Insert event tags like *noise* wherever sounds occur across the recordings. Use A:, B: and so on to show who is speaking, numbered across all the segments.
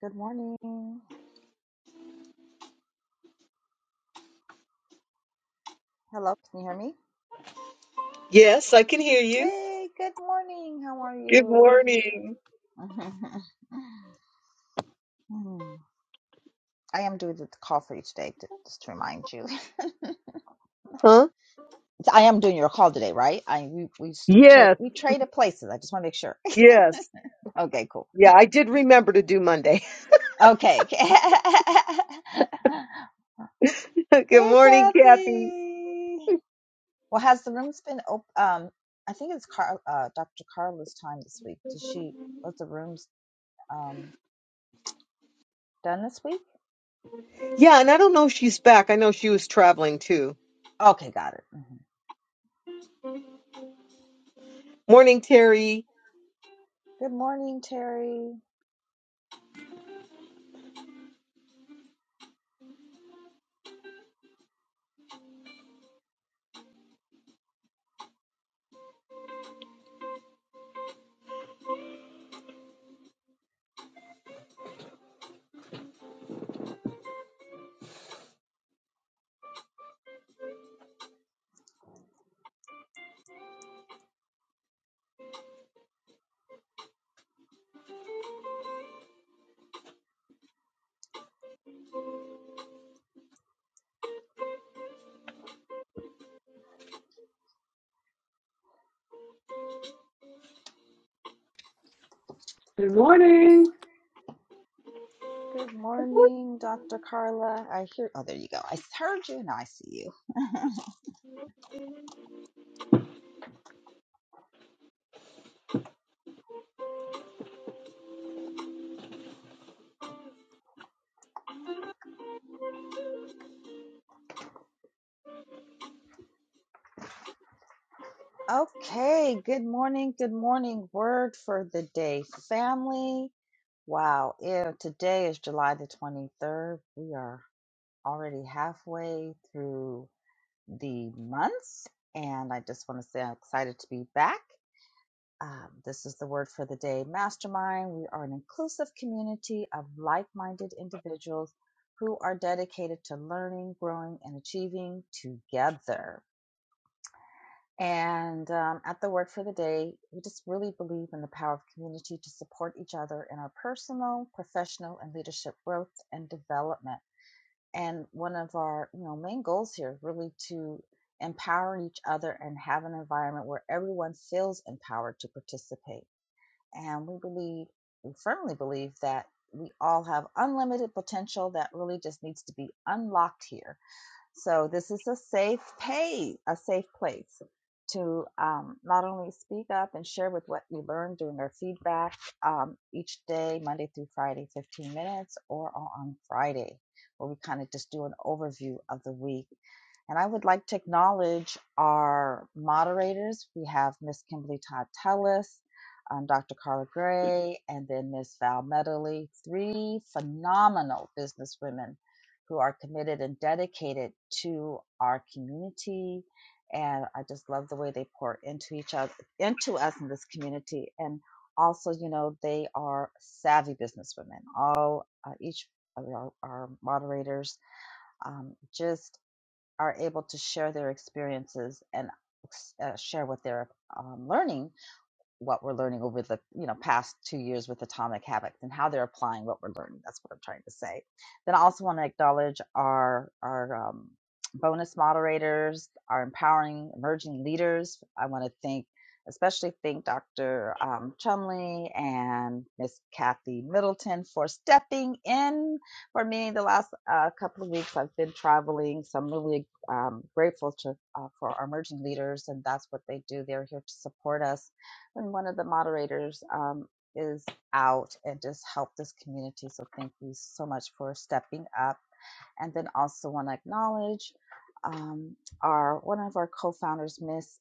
A: Good morning. Hello, can you hear me?
B: Yes, I can hear you.
A: Hey, good morning. How are
B: Good
A: you?
B: morning.
A: *laughs* Hmm. I am doing the call for you today, to, just to remind you.
B: Huh?
A: *laughs* I am doing your call today, right? I we we s- tra-
B: Yes,
A: we traded places. I just want to make sure.
B: yes.
A: *laughs* Okay, cool.
B: Yeah, I did remember to do Monday.
A: Okay. *laughs* hey,
B: *laughs* Good morning, Kathy.
A: Kathy. Well, has the room's been open? Um, I think it's Car- uh, Dr. Carla's time this week. Does she? Was the room's um done this week?
B: Yeah, and I don't know if she's back. I know she was traveling too.
A: Okay, got it. Mhm.
B: Morning, Terry.
A: Good morning, Terry.
C: Good morning.
A: Good morning, Dr. Carla. I hear, oh, there you go. I heard you and I see you. Okay, good morning. Good morning. Word for the day, family. Wow, yeah, today is July the 23rd. We are already halfway through the month, and I just want to say I'm excited to be back. Um, this is the word for the day mastermind. We are an inclusive community of like minded individuals who are dedicated to learning, growing, and achieving together. And um, at the word for the day, we just really believe in the power of community to support each other in our personal, professional, and leadership growth and development. And one of our you know main goals here is really to empower each other and have an environment where everyone feels empowered to participate and we believe, we firmly believe that we all have unlimited potential that really just needs to be unlocked here so this is a safe pay, a safe place to um, not only speak up and share with what we learned during our feedback um, each day, Monday through Friday, 15 minutes, or on Friday, where we kind of just do an overview of the week. And I would like to acknowledge our moderators. We have Miss Kimberly Todd Tellis, um, Dr. Carla Gray, and then Miss Val Medley, three phenomenal businesswomen who are committed and dedicated to our community. And I just love the way they pour into each other, into us in this community. And also, you know, they are savvy businesswomen. All, uh, each of our, our moderators um, just are able to share their experiences and uh, share what they're um, learning what we're learning over the you know past two years with atomic habits and how they're applying what we're learning that's what i'm trying to say then i also want to acknowledge our our um, bonus moderators our empowering emerging leaders i want to thank especially thank dr um, chumley and miss kathy middleton for stepping in for me the last uh, couple of weeks i've been traveling so i'm really um, grateful to uh, for our emerging leaders and that's what they do they're here to support us when one of the moderators um, is out and just help this community. So thank you so much for stepping up. And then also want to acknowledge um, our one of our co-founders, Miss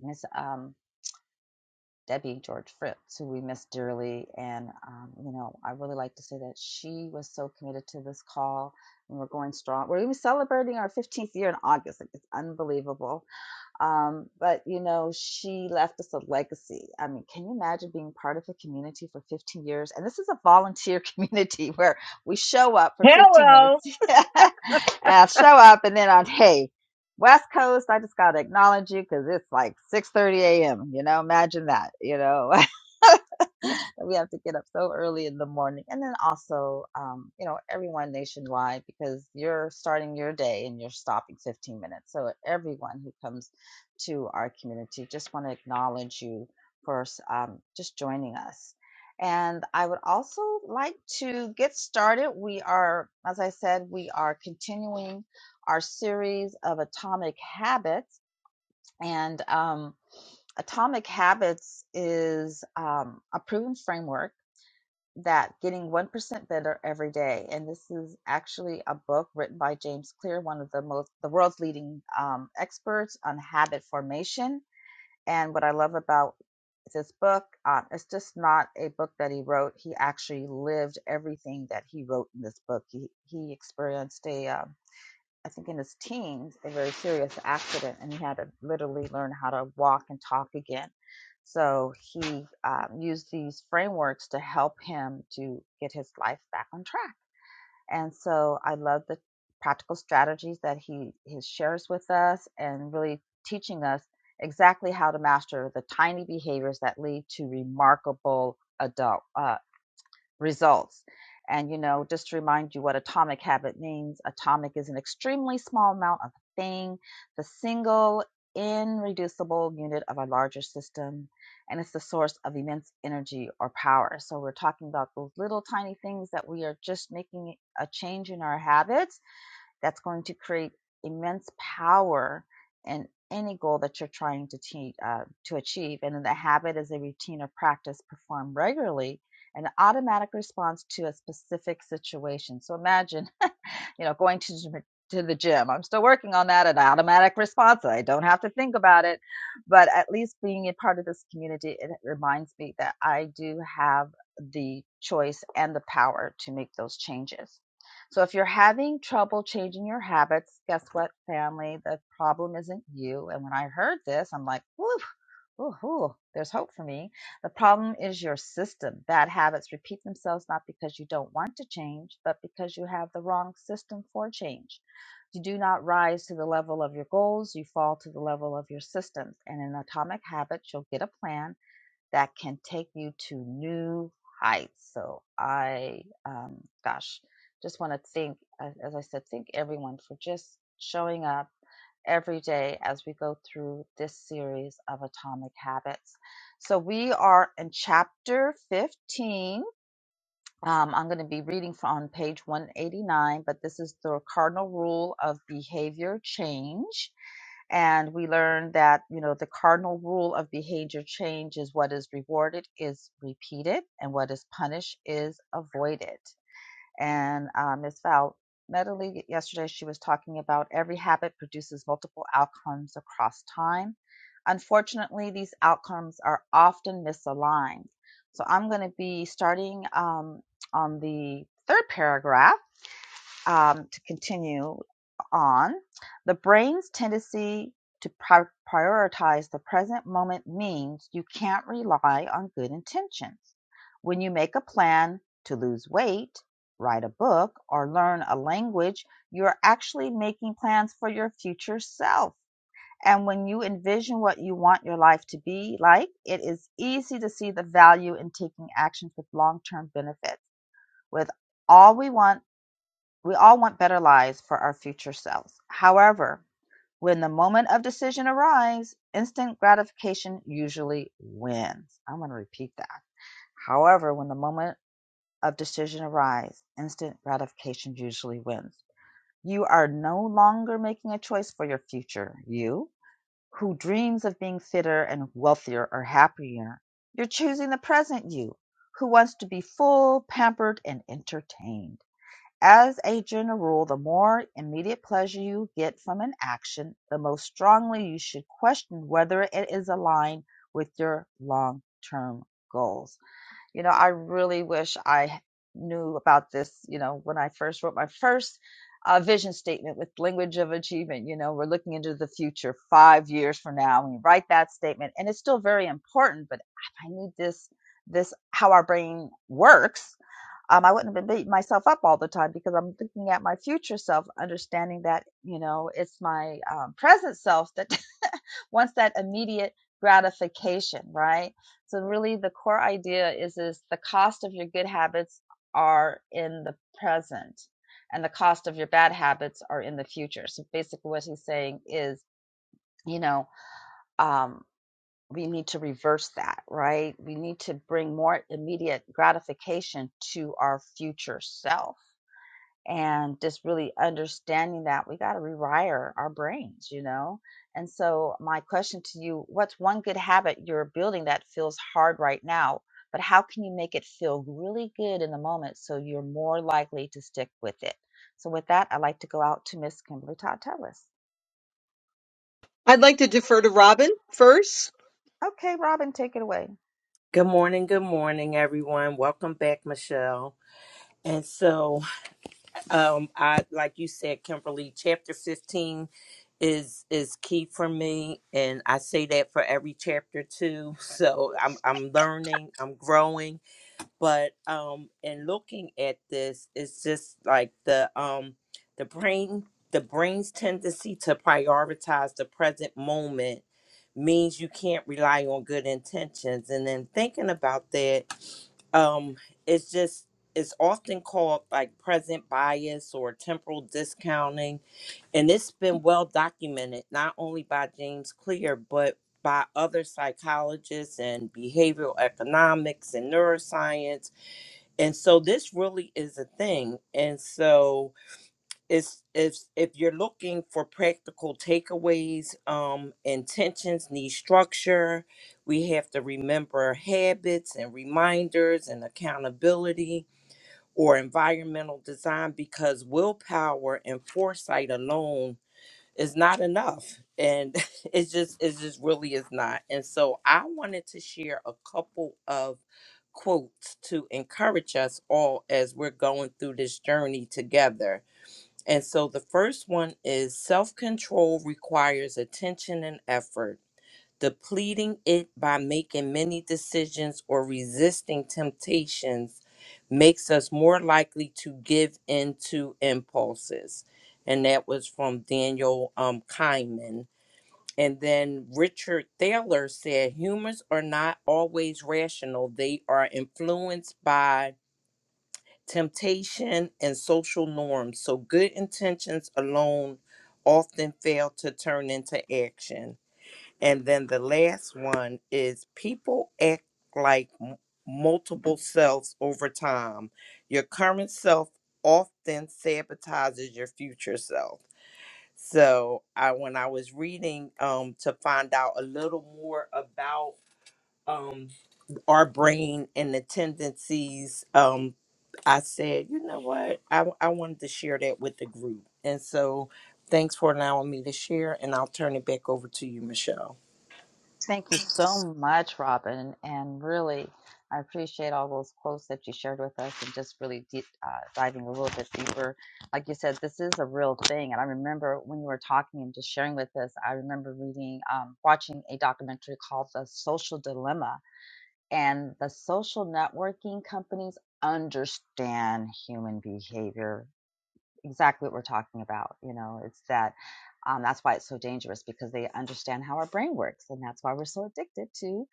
A: Miss um, Debbie George Fritz, who we miss dearly. And um, you know, I really like to say that she was so committed to this call, and we're going strong. We're even celebrating our 15th year in August. Like, It's unbelievable um, but you know, she left us a legacy. I mean, can you imagine being part of a community for 15 years? And this is a volunteer *laughs* community where we show up for 15 minutes,
B: Hello.
A: *laughs* uh, show up, and then on hey, West Coast, I just gotta acknowledge you because it's like 6:30 a.m. You know, imagine that. You know, *laughs* *laughs* we have to get up so early in the morning. And then also, um, you know, everyone nationwide because you're starting your day and you're stopping 15 minutes. So everyone who comes to our community, just want to acknowledge you for um, just joining us. And I would also like to get started. We are, as I said, we are continuing our series of atomic habits. And um, Atomic Habits is um, a proven framework that getting 1% better every day and this is actually a book written by james clear one of the most the world's leading um, experts on habit formation and what i love about this book um, it's just not a book that he wrote he actually lived everything that he wrote in this book he, he experienced a um, I think in his teens, a very serious accident, and he had to literally learn how to walk and talk again. So he um, used these frameworks to help him to get his life back on track. And so I love the practical strategies that he, he shares with us and really teaching us exactly how to master the tiny behaviors that lead to remarkable adult uh, results. And, you know, just to remind you what atomic habit means atomic is an extremely small amount of a thing, the single irreducible unit of a larger system, and it's the source of immense energy or power. So we're talking about those little tiny things that we are just making a change in our habits that's going to create immense power in any goal that you're trying to, te- uh, to achieve. And then the habit is a routine or practice performed regularly, an automatic response to a specific situation. So imagine you know, going to to the gym. I'm still working on that, an automatic response. I don't have to think about it, but at least being a part of this community, it reminds me that I do have the choice and the power to make those changes. So if you're having trouble changing your habits, guess what, family? The problem isn't you. And when I heard this, I'm like, woo, Ooh, there's hope for me. The problem is your system. Bad habits repeat themselves not because you don't want to change, but because you have the wrong system for change. You do not rise to the level of your goals, you fall to the level of your systems. And in Atomic Habits, you'll get a plan that can take you to new heights. So, I, um, gosh, just want to think, as I said, thank everyone for just showing up every day as we go through this series of Atomic Habits. So we are in chapter 15. Um, I'm going to be reading from page 189, but this is the cardinal rule of behavior change. And we learned that, you know, the cardinal rule of behavior change is what is rewarded is repeated and what is punished is avoided. And uh, Ms. Val Medley, yesterday, she was talking about every habit produces multiple outcomes across time. Unfortunately, these outcomes are often misaligned. So I'm going to be starting um, on the third paragraph um, to continue on, the brain's tendency to pri- prioritize the present moment means you can't rely on good intentions. When you make a plan to lose weight, write a book, or learn a language, you're actually making plans for your future self. And when you envision what you want your life to be like, it is easy to see the value in taking actions with long term benefits. With all we want we all want better lives for our future selves. However, when the moment of decision arrives, instant gratification usually wins. I'm going to repeat that. However, when the moment of decision arrives, instant gratification usually wins. You are no longer making a choice for your future. You, who dreams of being fitter and wealthier or happier, you're choosing the present you, who wants to be full, pampered, and entertained. As a general rule, the more immediate pleasure you get from an action, the most strongly you should question whether it is aligned with your long term goals. You know, I really wish I knew about this, you know, when I first wrote my first uh, vision statement with language of achievement. You know, we're looking into the future five years from now. When you write that statement, and it's still very important, but I knew this, this, how our brain works um, I wouldn't have been beating myself up all the time because I'm looking at my future self, understanding that, you know, it's my um, present self that *laughs* wants that immediate gratification, right? So really the core idea is, is the cost of your good habits are in the present and the cost of your bad habits are in the future. So basically what he's saying is, you know, um, we need to reverse that, right? We need to bring more immediate gratification to our future self and just really understanding that we got to rewire our brains, you know? And so, my question to you what's one good habit you're building that feels hard right now, but how can you make it feel really good in the moment so you're more likely to stick with it? So, with that, I'd like to go out to Miss Kimberly Todd Tellis.
B: I'd like to defer to Robin first.
A: Okay, Robin, take it away.
D: Good morning, good morning, everyone. Welcome back, Michelle. And so, um, I like you said, Kimberly, chapter fifteen is is key for me, and I say that for every chapter too. So I'm I'm learning, I'm growing, but um in looking at this it's just like the um the brain the brain's tendency to prioritize the present moment means you can't rely on good intentions and then thinking about that um it's just it's often called like present bias or temporal discounting and it's been well documented not only by james clear but by other psychologists and behavioral economics and neuroscience and so this really is a thing and so it's it's if you're looking for practical takeaways um intentions need structure we have to remember habits and reminders and accountability or environmental design because willpower and foresight alone is not enough and *laughs* it's just it just really is not and so i wanted to share a couple of quotes to encourage us all as we're going through this journey together and so the first one is self-control requires attention and effort depleting it by making many decisions or resisting temptations makes us more likely to give in to impulses. And that was from Daniel um, Kahneman. And then Richard Thaler said humans are not always rational, they are influenced by temptation and social norms. So good intentions alone often fail to turn into action. And then the last one is people act like m- multiple selves over time. Your current self often sabotages your future self. So I when I was reading um to find out a little more about um our brain and the tendencies um I said, you know what? I w- I wanted to share that with the group. And so thanks for allowing me to share and I'll turn it back over to you, Michelle.
A: Thank you so much, Robin. And really, I appreciate all those quotes that you shared with us and just really deep, uh, diving a little bit deeper. Like you said, this is a real thing. And I remember when you were talking and just sharing with us, I remember reading, um, watching a documentary called The Social Dilemma. And the social networking companies understand human behavior exactly what we're talking about. You know, it's that um, that's why it's so dangerous because they understand how our brain works, and that's why we're so addicted to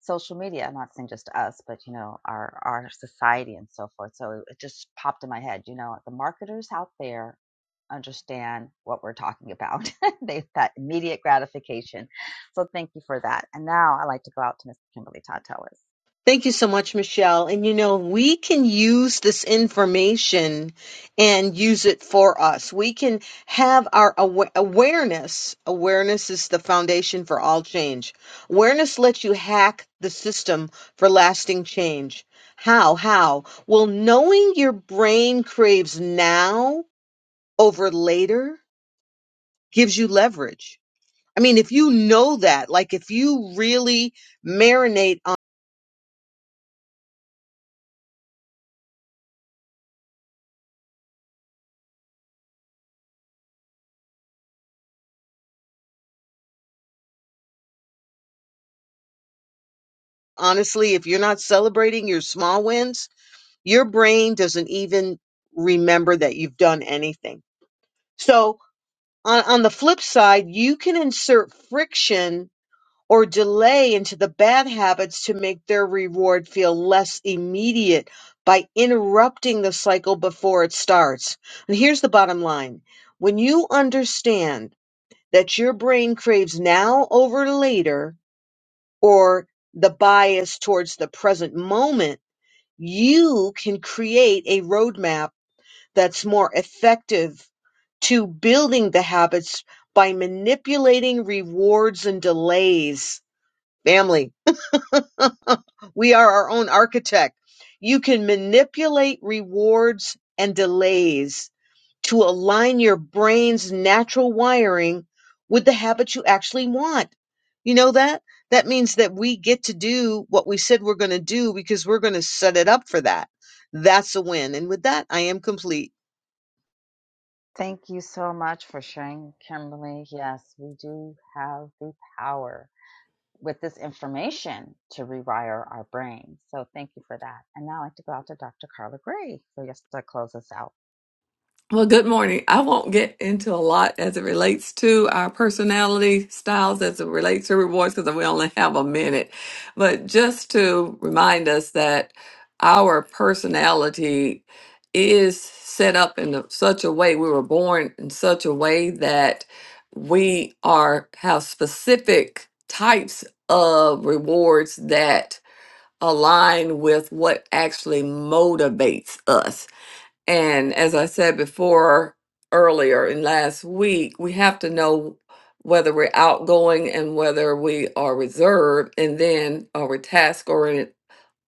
A: social media. I'm not saying just us, but you know, our our society and so forth. So it just popped in my head. You know, the marketers out there understand what we're talking about. *laughs* They've got immediate gratification. So thank you for that. And now I like to go out to Miss Kimberly Todd Tellis.
B: Thank you so much, Michelle. And you know, we can use this information and use it for us. We can have our awa- awareness. Awareness is the foundation for all change. Awareness lets you hack the system for lasting change. How? How? Well, knowing your brain craves now over later gives you leverage. I mean, if you know that, like if you really marinate honestly, if you're not celebrating your small wins, your brain doesn't even remember that you've done anything. So, on, on the flip side, you can insert friction or delay into the bad habits to make their reward feel less immediate by interrupting the cycle before it starts. And here's the bottom line when you understand that your brain craves now over later, or the bias towards the present moment, you can create a roadmap that's more effective to building the habits by manipulating rewards and delays. Family, *laughs* we are our own architect. You can manipulate rewards and delays to align your brain's natural wiring with the habit you actually want. You know that? That means that we get to do what we said we're going to do because we're going to set it up for that. That's a win. And with that, I am complete.
A: Thank you so much for sharing, Kimberly. Yes, we do have the power with this information to rewire our brains. So thank you for that. And now I'd like to go out to Dr. Carla Gray for just to close us out.
C: Well, good morning. I won't get into a lot as it relates to our personality styles, as it relates to rewards, because we only have a minute. But just to remind us that our personality is set up in a- such a way, we were born in such a way that we are have specific types of rewards that align with what actually motivates us. And as I said before, earlier in last week, we have to know whether we're outgoing and whether we are reserved, and then are we task oriented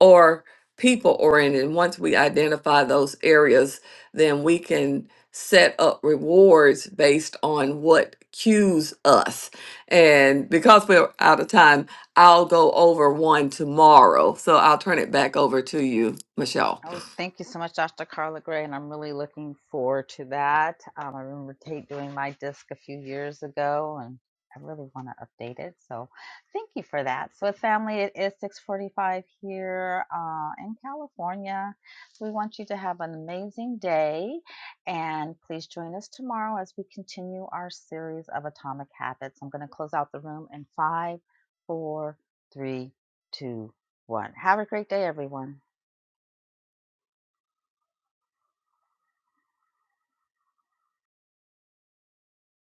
C: or people oriented. Once we identify those areas, then we can set up rewards based on what cues us. And because we're out of time, I'll go over one tomorrow. So I'll turn it back over to you, Michelle.
A: Oh, thank you so much, Dr. Carla Gray, and I'm really looking forward to that. Um, I remember Tate doing my disc a few years ago, and I really want to update it. So, thank you for that. So, with family, it is 6:45 here uh, in California. We want you to have an amazing day, and please join us tomorrow as we continue our series of Atomic Habits. I'm going to close out the room in five, four, three, two, one. Have a great day, everyone.